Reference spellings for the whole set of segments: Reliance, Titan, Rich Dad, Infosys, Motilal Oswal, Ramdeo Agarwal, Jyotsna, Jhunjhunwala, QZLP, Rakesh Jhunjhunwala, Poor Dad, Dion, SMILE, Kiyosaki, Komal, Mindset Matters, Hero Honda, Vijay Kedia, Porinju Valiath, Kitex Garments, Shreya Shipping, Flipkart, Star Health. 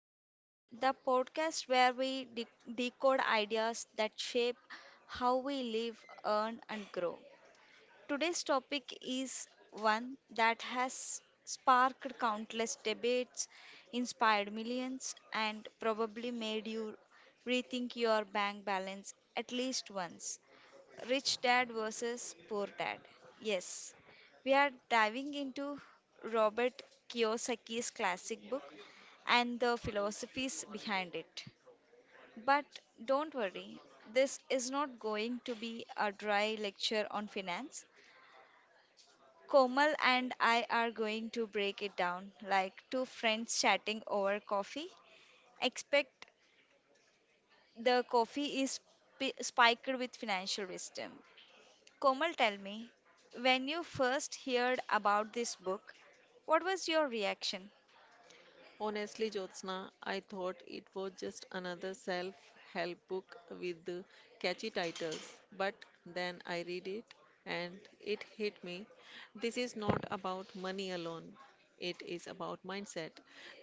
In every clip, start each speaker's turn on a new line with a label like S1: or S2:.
S1: Matters, the podcast where we decode ideas that shape how we live, earn, and grow. Today's topic is one that has sparked countless debates, inspired millions, and probably made you rethink your bank balance at least once. Rich Dad versus Poor Dad. Yes, we are diving into Robert Kiyosaki's classic book and the philosophies behind it. But don't worry, this is not going to be a dry lecture on finance. Komal and I are going to break it down like two friends chatting over coffee. Expect the coffee is spiked with financial wisdom. Komal, tell me, when you first heard about this book, what was your reaction?
S2: Honestly, Jyotsna, I thought it was just another self help book with the catchy titles. But then I read it and it hit me. This is not about money alone, it is about mindset.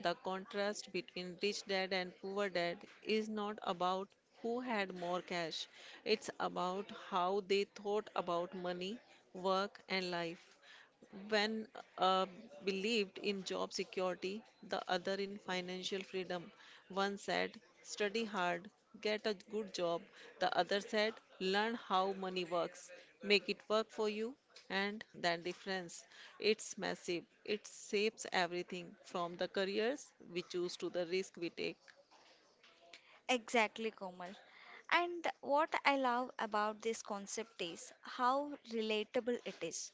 S2: The contrast between rich dad and poor dad is not about who had more cash, it's about how they thought about money, work, and life. One uh, believed in job security, the other in financial freedom. One said, study hard, get a good job. The other said, learn how money works, make it work for you. And that difference, it's massive. It shapes everything from the careers we choose to the risk we take.
S1: Exactly, Komal. And what I love about this concept is how relatable it is.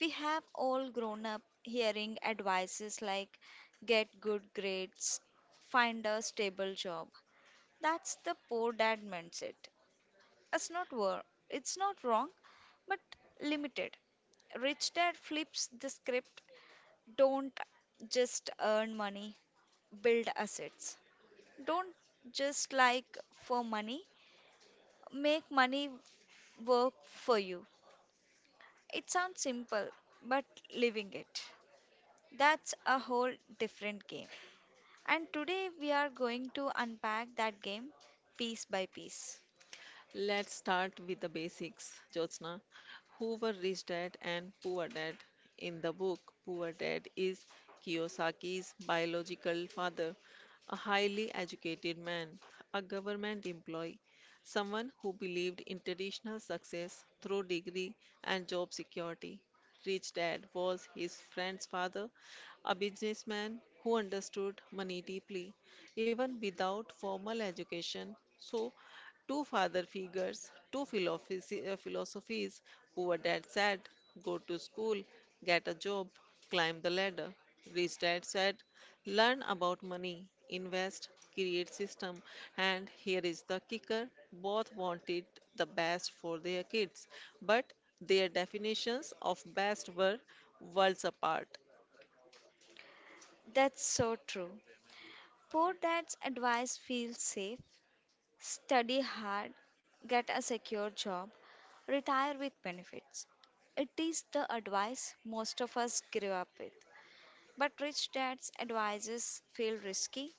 S1: We have all grown up hearing advices like get good grades, find a stable job. That's the poor dad mindset. It's not wrong, but limited. Rich Dad flips the script. Don't just earn money, build assets. Don't just like for money, make money work for you. It sounds simple, but living it. That's a whole different game. And today we are going to unpack that game piece by piece.
S2: Let's start with the basics, Jyotsna. Who were Rich Dad and Poor Dad? In the book, Poor Dad is Kiyosaki's biological father, a highly educated man, a government employee, someone who believed in traditional success through degree and job security. Rich Dad was his friend's father, a businessman who understood money deeply, even without formal education. So two father figures, two philosophies. Poor dad said, go to school, get a job, climb the ladder. Rich dad said, learn about money, invest, create system. And here is the kicker, both wanted the best for their kids, but their definitions of best were worlds apart.
S1: That's so true. Poor dad's advice feels safe. Study hard, get a secure job, retire with benefits. It is the advice most of us grew up with. But rich dad's advices feel risky.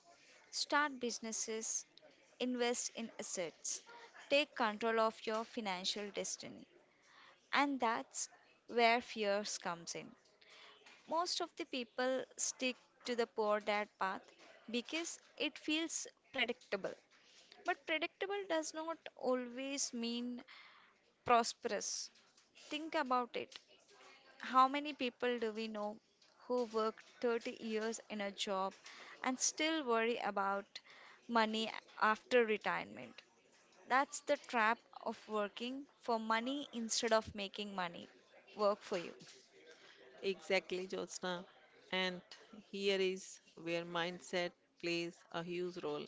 S1: Start businesses, invest in assets, take control of your financial destiny. And that's where fears comes in. Most of the people stick to the poor dad path because it feels predictable. But predictable does not always mean prosperous. Think about it. How many people do we know who work 30 years in a job and still worry about money after retirement? That's the trap of working for money instead of making money work for you.
S2: Exactly, Jyotsna. And here is where mindset plays a huge role.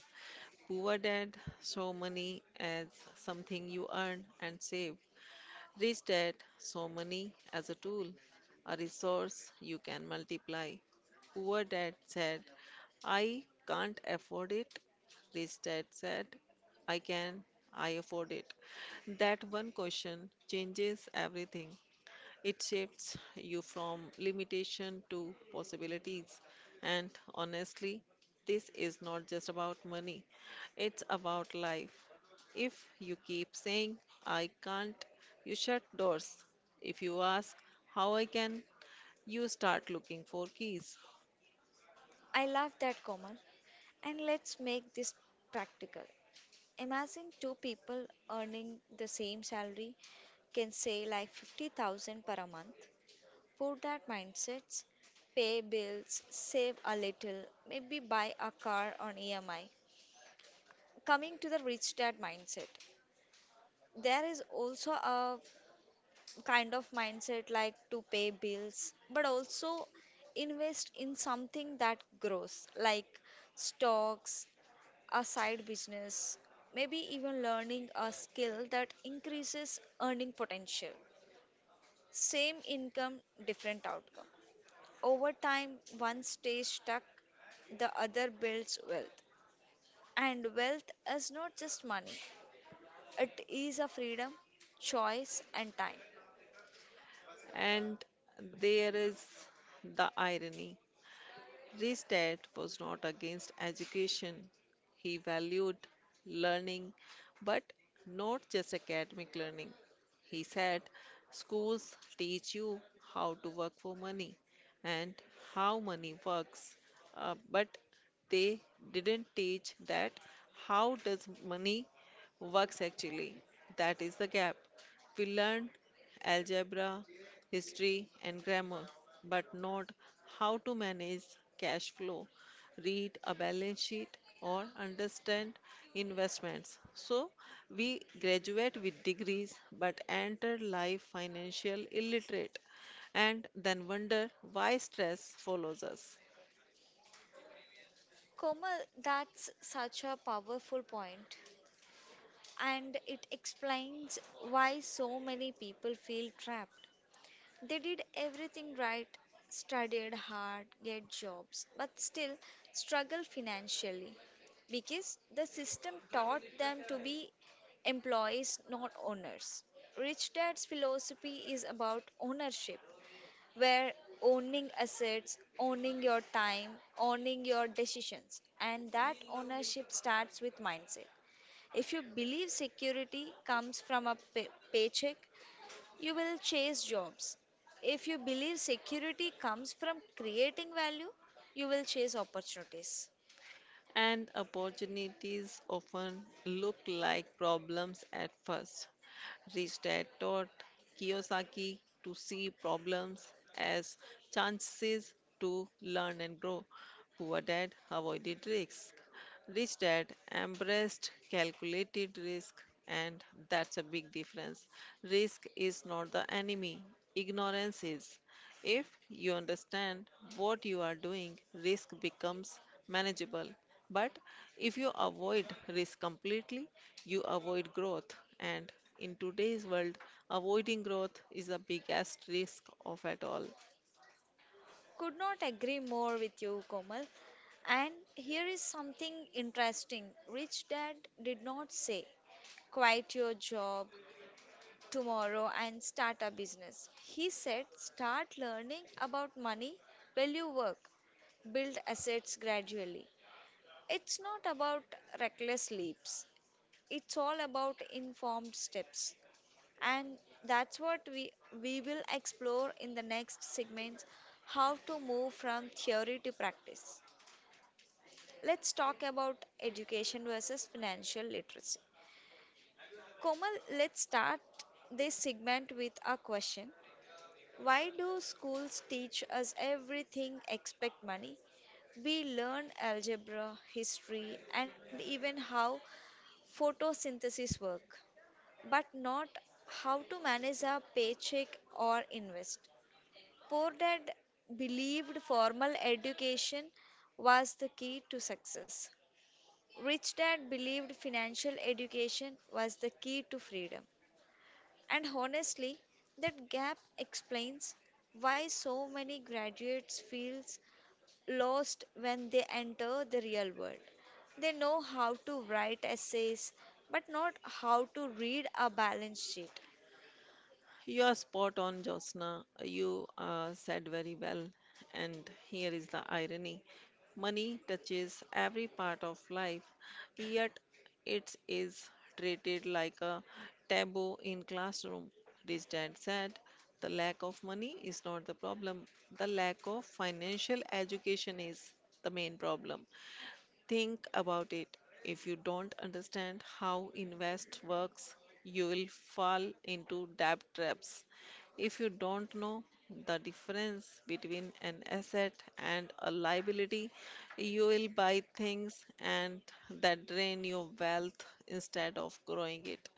S2: Poor dad, so money as something you earn and save. Rich dad, so money as a tool, a resource you can multiply. Poor dad said, I can't afford it. Rich dad said, I can, I afford it. That one question changes everything. It shifts you from limitation to possibilities. And honestly, this is not just about money, it's about life. If you keep saying, I can't, you shut doors. If you ask, how I can, you start looking for keys.
S1: I love that, Komal. And let's make this practical. Imagine two people earning the same salary, can say like 50,000 per a month. Put that mindsets, pay bills, save a little, maybe buy a car on EMI. Coming to the rich dad mindset, there is also a kind of mindset like to pay bills, but also invest in something that grows like stocks, a side business, maybe even learning a skill that increases earning potential. Same income, different outcome. Over time, one stays stuck, the other builds wealth. And wealth is not just money, it is a freedom, choice, and time.
S2: And there is the irony. Restad was not against education. He valued learning, but not just academic learning. He said, schools teach you how to work for money and how money works, but they didn't teach that how does money works actually. That is the gap. We learned algebra, history, and grammar, but not how to manage cash flow, read a balance sheet, or understand investments. So we graduate with degrees but enter life financial illiterate and then wonder why stress follows us.
S1: Komal, that's such a powerful point, and it explains why so many people feel trapped. They did everything right, studied hard, get jobs, but still struggle financially because the system taught them to be employees, not owners. Rich Dad's philosophy is about ownership, where owning assets, owning your time, owning your decisions, and that ownership starts with mindset. If you believe security comes from a paycheck, you will chase jobs. If you believe security comes from creating value, you will chase opportunities.
S2: And opportunities often look like problems at first. Ristad taught Kiyosaki to see problems as chances to learn and grow. Poor dad avoided risk. Rich dad embraced calculated risk, and that's a big difference. Risk is not the enemy, ignorance is. If you understand what you are doing, risk becomes manageable. But if you avoid risk completely, you avoid growth. And in today's world, avoiding growth is the biggest risk of at all.
S1: Could not agree more with you, Komal. And here is something interesting. Rich Dad did not say, quit your job tomorrow and start a business. He said, start learning about money while you work, build assets gradually. It's not about reckless leaps, it's all about informed steps, and that's what we will explore in the next segments. How to move from theory to practice. Let's talk about education versus financial literacy. Komal, let's start this segment with a question. Why do schools teach us everything except money? We learn algebra, history, and even how photosynthesis work, but not how to manage a paycheck or invest. Poor dad believed formal education was the key to success. Rich dad believed financial education was the key to freedom. And honestly, that gap explains why so many graduates feels lost when they enter the real world. They know how to write essays but not how to read a balance sheet.
S2: You are spot on, Josna. You said very well. And here is the irony, money touches every part of life, yet it is treated like a taboo in classroom. Rich dad said, the lack of money is not the problem, the lack of financial education is the main problem. Think about it. If you don't understand how invest works, you will fall into debt traps. If you don't know the difference between an asset and a liability, you will buy things and that drain your wealth instead of growing it.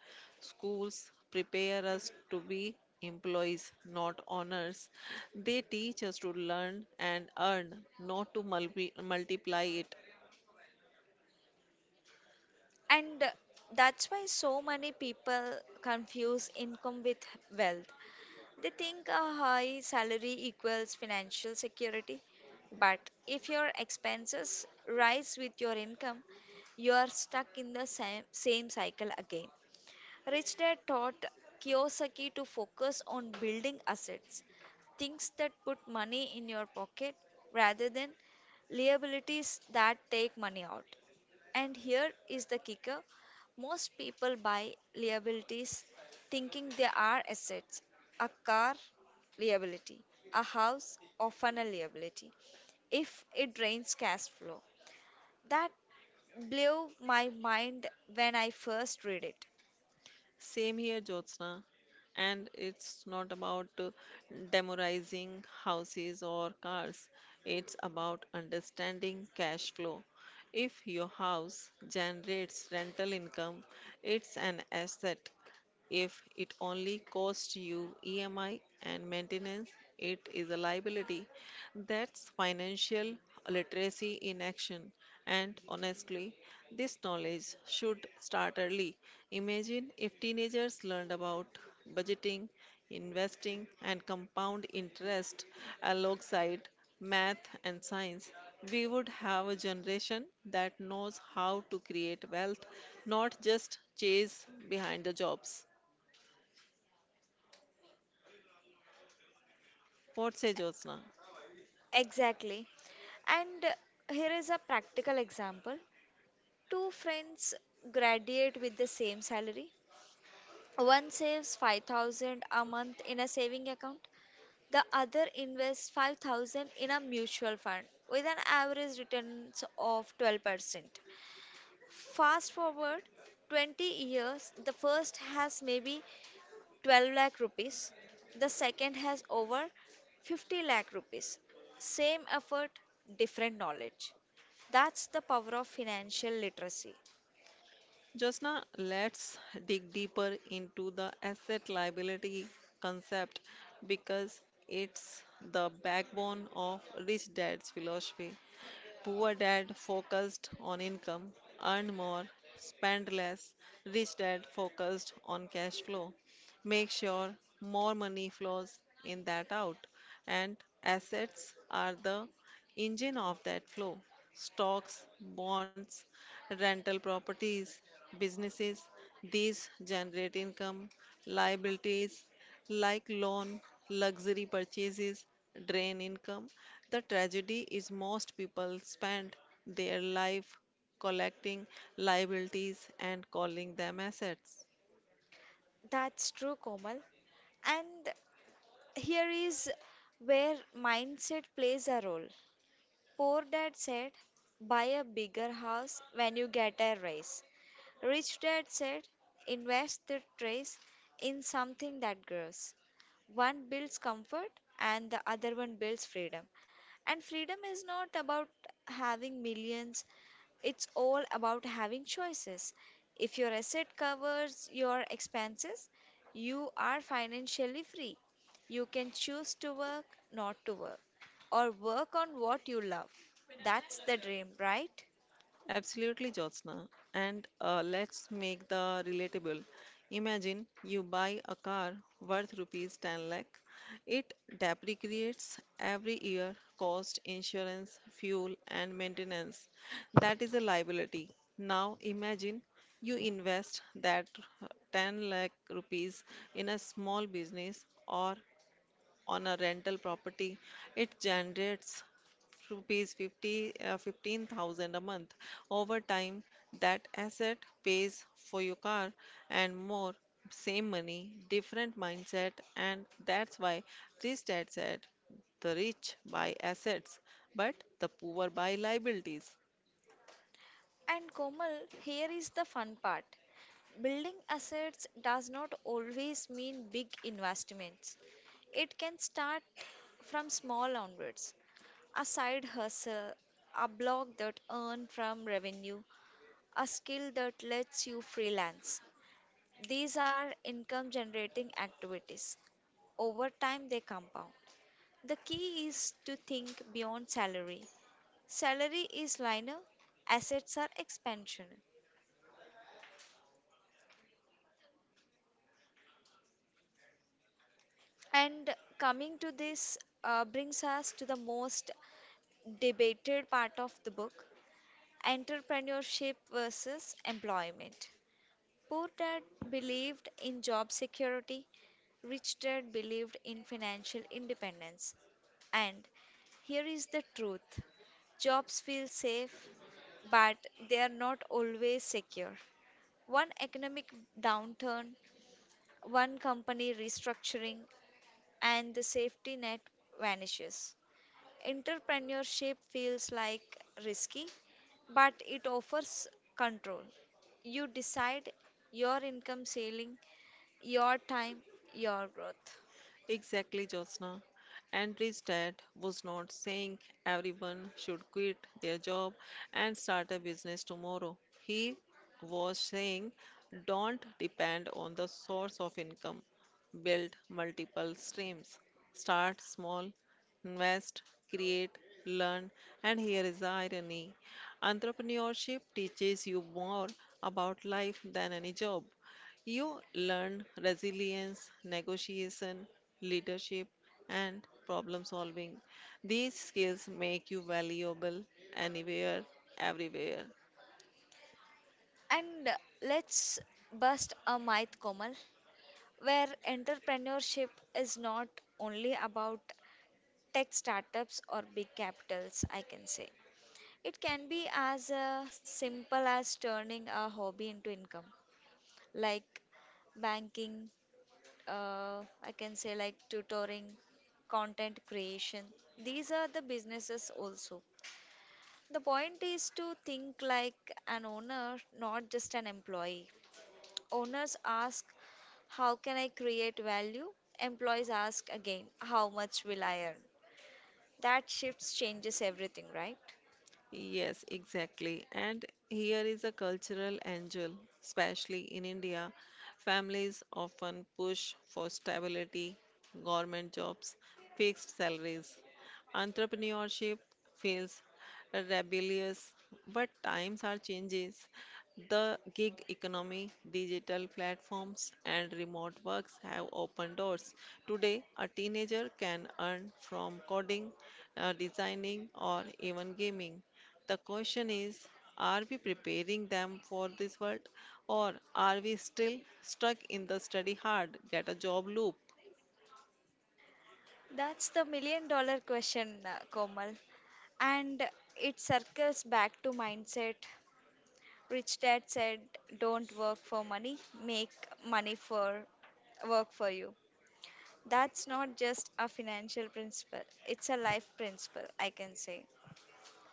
S2: Schools prepare us to be employees, not owners. They teach us to learn and earn, not to multiply it.
S1: And that's why so many people confuse income with wealth. They think a high salary equals financial security. But if your expenses rise with your income, you are stuck in the same cycle again. Rich Dad taught Kiyosaki to focus on building assets, things that put money in your pocket rather than liabilities that take money out. And here is the kicker, most people buy liabilities thinking they are assets. A car, liability. A house, often a liability. If it drains cash flow. That blew my mind when I first read it.
S2: Same here, Jyotsna. And it's not about demorizing houses or cars, it's about understanding cash flow. If your house generates rental income, it's an asset. If it only costs you EMI and maintenance, it is a liability. That's financial literacy in action. And honestly, this knowledge should start early. Imagine if teenagers learned about budgeting, investing, and compound interest alongside math and science. We would have a generation that knows how to create wealth, not just chase behind the jobs. What say Jyotsna?
S1: Exactly. And here is a practical example. Two friends graduate with the same salary. One saves 5,000 a month in a saving account. The other invests 5,000 in a mutual fund with an average returns of 12%. Fast forward 20 years, the first has maybe 12 lakh rupees. The second has over 50 lakh rupees. Same effort, different knowledge. That's the power of financial literacy.
S2: Jyotsna, let's dig deeper into the asset liability concept because it's the backbone of rich dad's philosophy. Poor dad focused on income, earn more, spend less. Rich dad focused on cash flow. Make sure more money flows in that out. And assets are the engine of that flow. Stocks, bonds, rental properties, businesses. These generate income. Liabilities like loan, luxury purchases drain income. The tragedy is most people spend their life collecting liabilities and calling them assets.
S1: That's true, Komal. And here is where mindset plays a role. Poor dad said, buy a bigger house when you get a raise. Rich Dad said, invest the trace in something that grows. One builds comfort and the other one builds freedom. And freedom is not about having millions, it's all about having choices. If your asset covers your expenses, you are financially free. You can choose to work, not to work, or work on what you love. That's the dream, right?
S2: Absolutely, Jyotsna. And Let's make the relatable. Imagine you buy a car worth rupees 10 lakh. It depreciates every year, cost, insurance, fuel, and maintenance. That is a liability. Now imagine you invest that uh, 10 lakh rupees in a small business or on a rental property, it generates rupees 15,000 a month. Over time, that asset pays for your car and more, same money, different mindset, and that's why this dad said, the rich buy assets, but the poor buy liabilities.
S1: And Komal, here is the fun part. Building assets does not always mean big investments. It can start from small onwards. A side hustle, a blog that earns from revenue, a skill that lets you freelance. These are income generating activities. Over time, they compound. The key is to think beyond salary. Salary is linear, assets are expansion. And coming to this, brings us to the most debated part of the book, entrepreneurship versus employment. Poor dad believed in job security, rich dad believed in financial independence. And here is the truth. Jobs feel safe, but they are not always secure. One economic downturn, one company restructuring, and the safety net vanishes. Entrepreneurship feels like risky, but it offers control. You decide your income ceiling, your time, your growth.
S2: Exactly, Jyotsna. Andre's dad was not saying everyone should quit their job and start a business tomorrow. He was saying, don't depend on the source of income, build multiple streams, start small, invest, create, learn. And here is the irony, entrepreneurship teaches you more about life than any job. You learn resilience, negotiation, leadership, and problem solving. These skills make you valuable anywhere, everywhere.
S1: And let's bust a myth, Komal, where entrepreneurship is not only about tech startups or big capitals, I can say. It can be as simple as turning a hobby into income, like banking, I can say like tutoring, content creation. These are the businesses also. The point is to think like an owner, not just an employee. Owners ask, how can I create value? Employees ask again, how much will I earn? That shifts changes everything, right?
S2: Yes, exactly. And here is a cultural angle, especially in India. Families often push for stability, government jobs, fixed salaries. Entrepreneurship feels rebellious, but times are changes. The gig economy, digital platforms, and remote works have opened doors. Today, a teenager can earn from coding, designing, or even gaming. The question is, are we preparing them for this world or are we still stuck in the study hard, get a job loop?
S1: That's the million dollar question, Komal. And it circles back to mindset. Rich Dad said, don't work for money, make money for work for you. That's not just a financial principle, it's a life principle, I can say.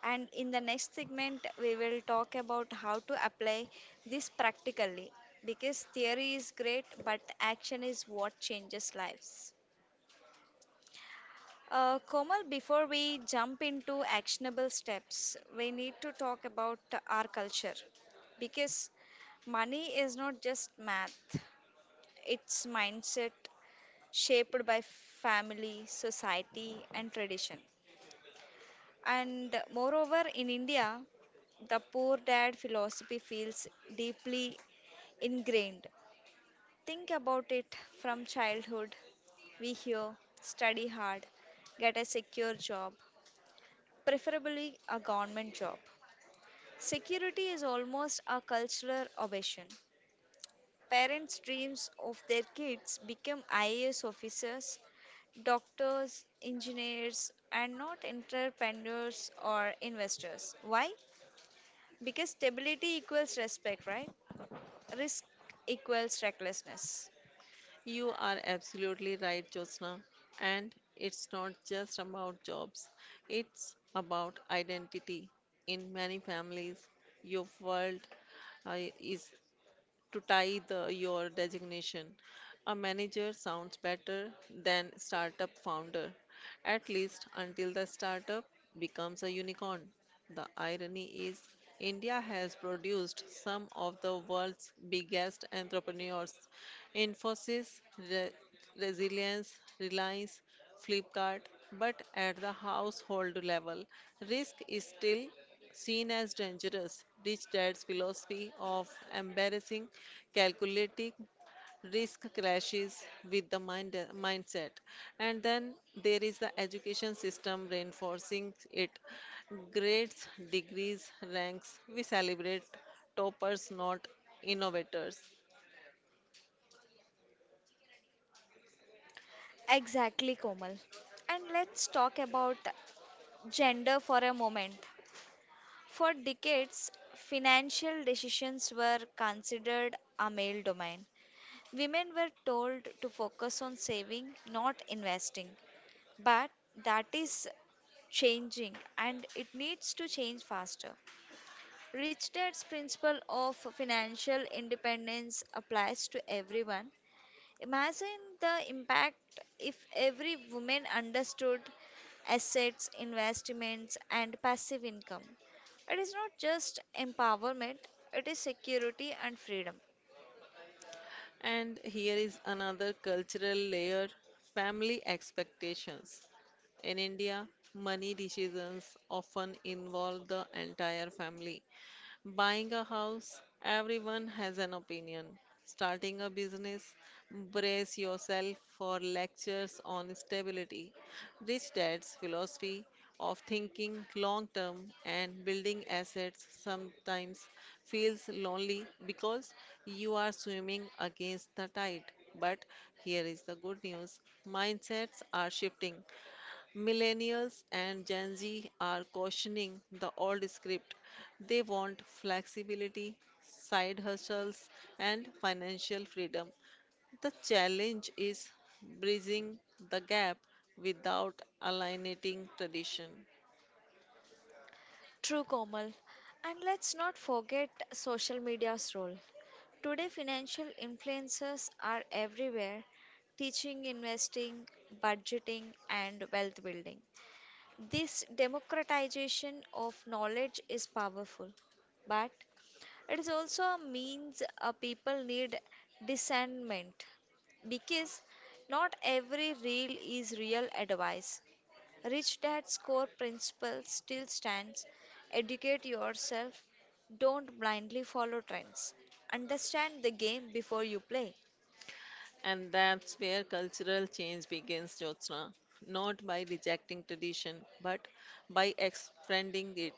S1: And in the next segment, we will talk about how to apply this practically because theory is great, but action is what changes lives. Komal, before we jump into actionable steps, we need to talk about our culture because money is not just math, it's mindset shaped by family, society, and tradition. And moreover, in India, the poor dad philosophy feels deeply ingrained. Think about it from childhood. We hear study hard, get a secure job, preferably a government job. Security is almost a cultural obsession. Parents' dreams of their kids become IAS officers, doctors, engineers, and not entrepreneurs or investors. Why? Because stability equals respect, right? Risk equals recklessness.
S2: You are absolutely right, Josna. And it's not just about jobs, it's about identity. In many families, your world is to tie your designation. A manager sounds better than startup founder, at least until the startup becomes a unicorn. The irony is, India has produced some of the world's biggest entrepreneurs. Infosys, Re- Resilience, Reliance, Flipkart, but at the household level, risk is still seen as dangerous. Rich Dad's philosophy of embarrassing, calculating risk clashes with the mindset. And then there is the education system reinforcing it. Grades, degrees, ranks, we celebrate toppers, not innovators.
S1: Exactly, Komal. And let's talk about gender for a moment. For decades, financial decisions were considered a male domain. Women were told to focus on saving, not investing. But that is changing and it needs to change faster. Rich Dad's principle of financial independence applies to everyone. Imagine the impact if every woman understood assets, investments, and passive income. It is not just empowerment, it is security and freedom.
S2: And here is another cultural layer, family expectations. In India, money decisions often involve the entire family. Buying a house, everyone has an opinion. Starting a business, brace yourself for lectures on stability. Rich Dad's philosophy of thinking long term and building assets sometimes feels lonely because you are swimming against the tide. But here is the good news, mindsets are shifting. Millennials and Gen Z are cautioning the old script. They want flexibility, side hustles, and financial freedom. The challenge is bridging the gap without alienating tradition.
S1: True, Komal. And let's not forget social media's role. Today, financial influencers are everywhere, teaching investing, budgeting, and wealth building. This democratization of knowledge is powerful, but it is also a means, people need discernment because not every reel is real advice. Rich Dad's core principle still stands. Educate yourself, don't blindly follow trends, understand the game before you play.
S2: And that's where cultural change begins, Jyotsna. Not by rejecting tradition, but by expanding it.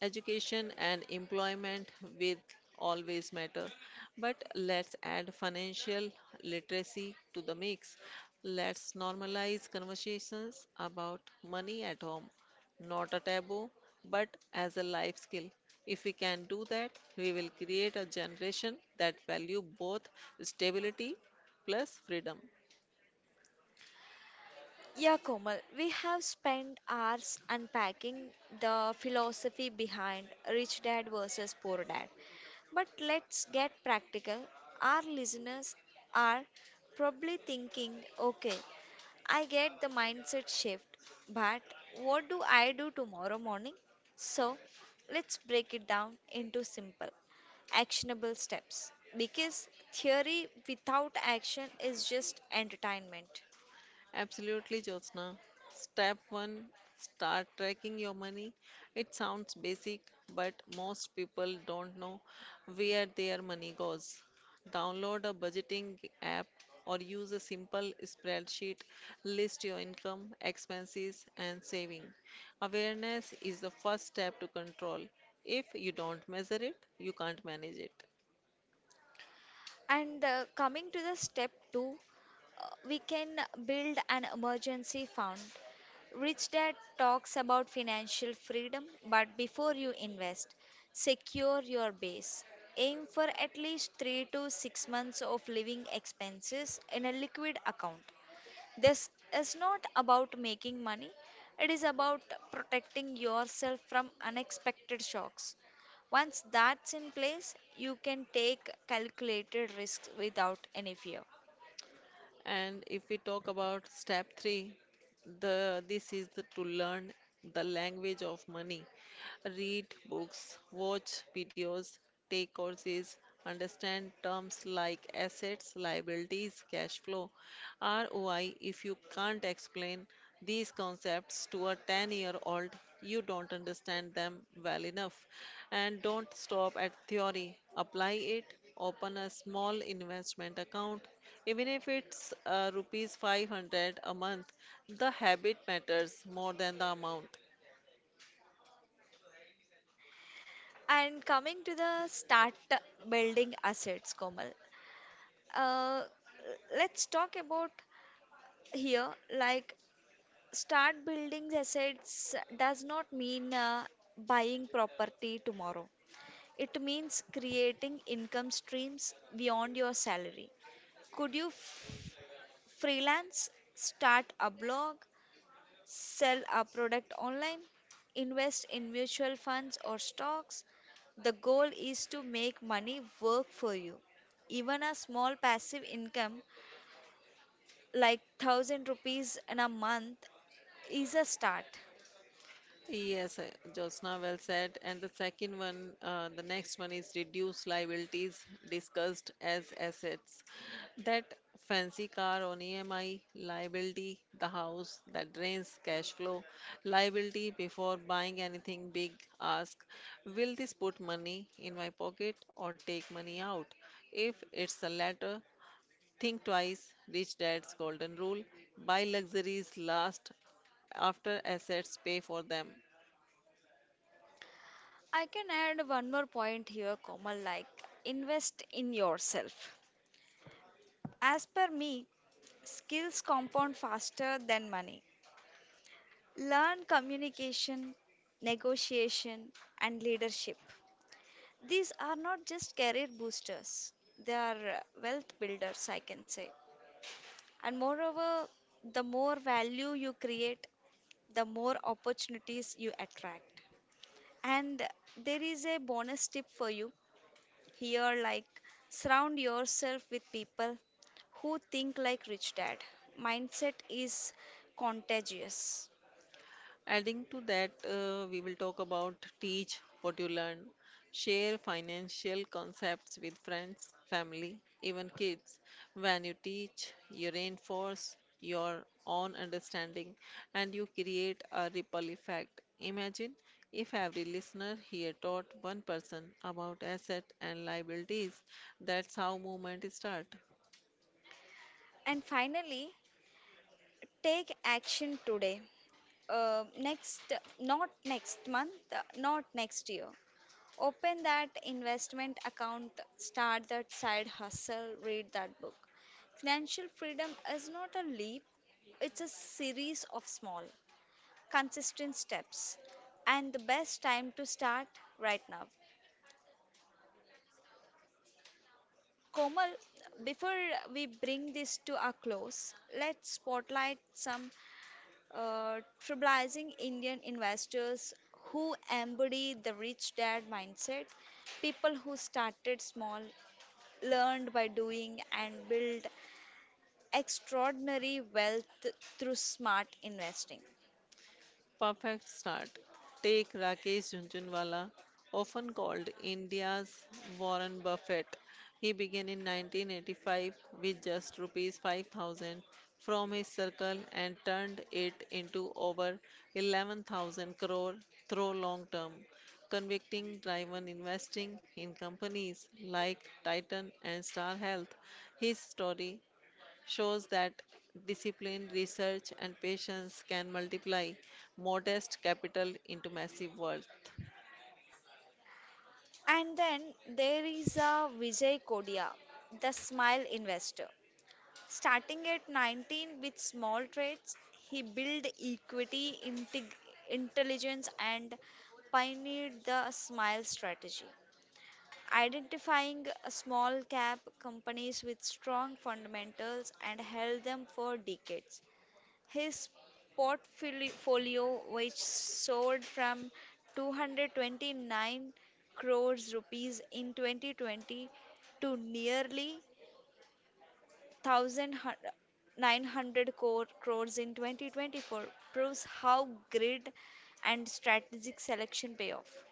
S2: Education and employment will always matter. But let's add financial literacy to the mix. Let's normalize conversations about money at home. Not a taboo, but as a life skill. If we can do that, we will create a generation that value both stability plus freedom.
S1: Yeah, Komal, we have spent hours unpacking the philosophy behind rich dad versus poor dad. But let's get practical. Our listeners are probably thinking, okay, I get the mindset shift, but what do I do tomorrow morning? So let's break it down into simple, actionable steps because theory without action is just entertainment.
S2: Absolutely, Jyotsna. Step one, start tracking your money. It sounds basic, but most people don't know where their money goes. Download a budgeting app or use a simple spreadsheet. List your income, expenses, and saving. Awareness is the first step to control. If you don't measure it, you can't manage it.
S1: And coming to the step two, we can build an emergency fund. Rich Dad talks about financial freedom, but before you invest, secure your base. Aim for at least 3 to 6 months of living expenses in a liquid account. This is not about making money, it is about protecting yourself from unexpected shocks. Once that's in place, you can take calculated risks without any fear.
S2: And if we talk about step three, the this is the, to learn the language of money. Read books, watch videos, take courses, understand terms like assets, liabilities, cash flow, ROI. If you can't explain these concepts to a 10-year-old, you don't understand them well enough. And don't stop at theory. Apply it. Open a small investment account even if it's rupees 500 a month, the habit matters more than the amount.
S1: And coming to the start building assets, Komal. Uh, let's talk about here like start building assets does not mean buying property tomorrow. It means creating income streams beyond your salary. Could you freelance, start a blog, sell a product online, invest in mutual funds or stocks? The goal is to make money work for you. Even a small passive income like 1,000 rupees in a month is a start.
S2: Yes, Jyotsna, well said. And the second one, the next one is reduce liabilities discussed as assets. That fancy car on EMI, liability, the house that drains cash flow, liability, before buying anything big, ask, will this put money in my pocket or take money out? If it's the latter, think twice. Rich dad's golden rule, buy luxuries last after assets pay for them.
S1: I can add one more point here, Komal, like invest in yourself. As per me, skills compound faster than money. Learn communication, negotiation, and leadership. These are not just career boosters, they are wealth builders, I can say. And moreover, the more value you create, the more opportunities you attract. And there is a bonus tip for you here, like surround yourself with people who think like rich dad. Mindset is contagious.
S2: Adding to that, we will talk about teach what you learn, share financial concepts with friends, family, even kids. When you teach, you reinforce your own understanding and you create a ripple effect. Imagine if every listener here taught one person about asset and liabilities. That's how movement start.
S1: And finally, take action today. Next, not next month, not next year. Open that investment account, start that side hustle, read that book. Financial freedom is not a leap, it's a series of small, consistent steps, and the best time to start right now. Komal, before we bring this to a close, let's spotlight some uh, trailblazing Indian investors who embody the rich dad mindset, people who started small, learned by doing, and built extraordinary wealth through smart investing.
S2: Perfect start. Take Rakesh Jhunjhunwala, often called India's Warren Buffett. He began in 1985 with just rupees 5,000 from his circle and turned it into over 11,000 crore through long term convicting driven investing in companies like Titan and Star Health. His story shows that discipline, research, and patience can multiply modest capital into massive wealth.
S1: And then there is a Vijay Kodia, the smile investor. Starting at 19 with small trades, he built equity intelligence and pioneered the SMILE strategy, identifying small cap companies with strong fundamentals and held them for decades. His portfolio, which soared from 229 crores rupees in 2020 to nearly 1,900 crores in 2024 proves how grid and strategic selection pay off.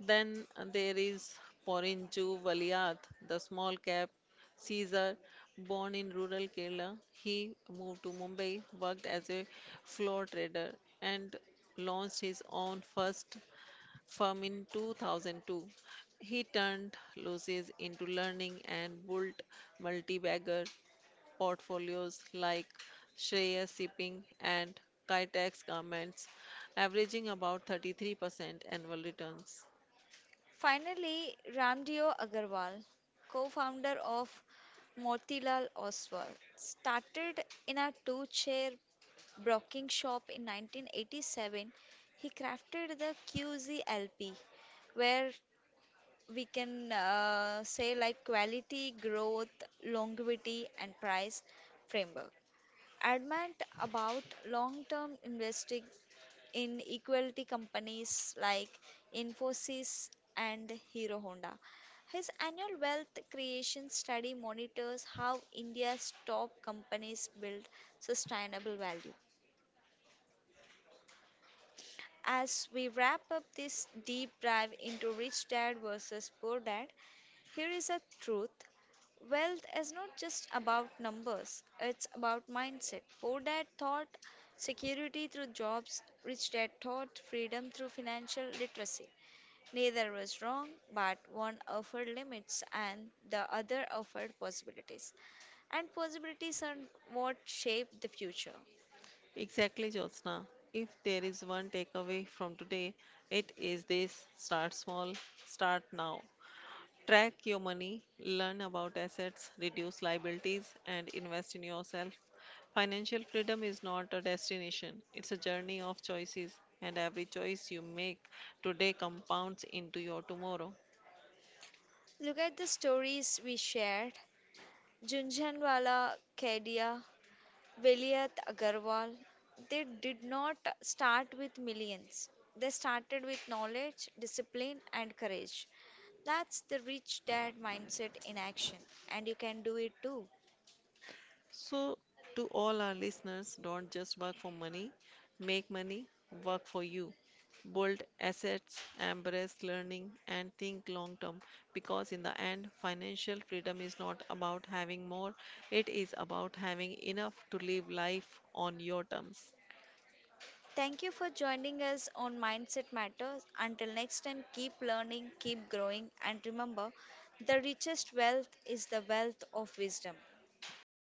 S2: Then there is Porinju Valiath, the small cap Caesar, born in rural Kerala. He moved to Mumbai, worked as a floor trader, and launched his own first firm in 2002. He turned losses into learning and built multi-bagger portfolios like Shreya Shipping and Kitex Garments, averaging about 33% annual returns.
S1: Finally, Ramdeo Agarwal, co-founder of Motilal Oswal, started in a two-chair broking shop in 1987. He crafted the QZLP, where we can say like quality, growth, longevity, and price framework. Adamant about long term investing in equality companies like Infosys and Hero Honda. His annual wealth creation study monitors how India's top companies build sustainable value. As we wrap up this deep dive into rich dad versus poor dad, here is a truth. Wealth is not just about numbers, it's about mindset. Poor dad thought security through jobs, rich dad thought freedom through financial literacy. Neither was wrong, but one offered limits and the other offered possibilities. And possibilities are what shape the future.
S2: Exactly, Jyotsna. If there is one takeaway from today, it is this, start small, start now. Track your money, learn about assets, reduce liabilities, and invest in yourself. Financial freedom is not a destination, it's a journey of choices, and every choice you make today compounds into your tomorrow.
S1: Look at the stories we share, Jhunjhunwala, Kedia, Vilayat, Agarwal, they did not start with millions. They started with knowledge, discipline, and courage. That's the rich dad mindset in action, and you can do it too.
S2: So, to all our listeners, don't just work for money, make money work for you. Build assets, embrace learning, and think long term because, in the end, financial freedom is not about having more, it is about having enough to live life on your terms.
S1: Thank you for joining us on Mindset Matters. Until next time, keep learning, keep growing, and remember the richest wealth is the wealth of wisdom.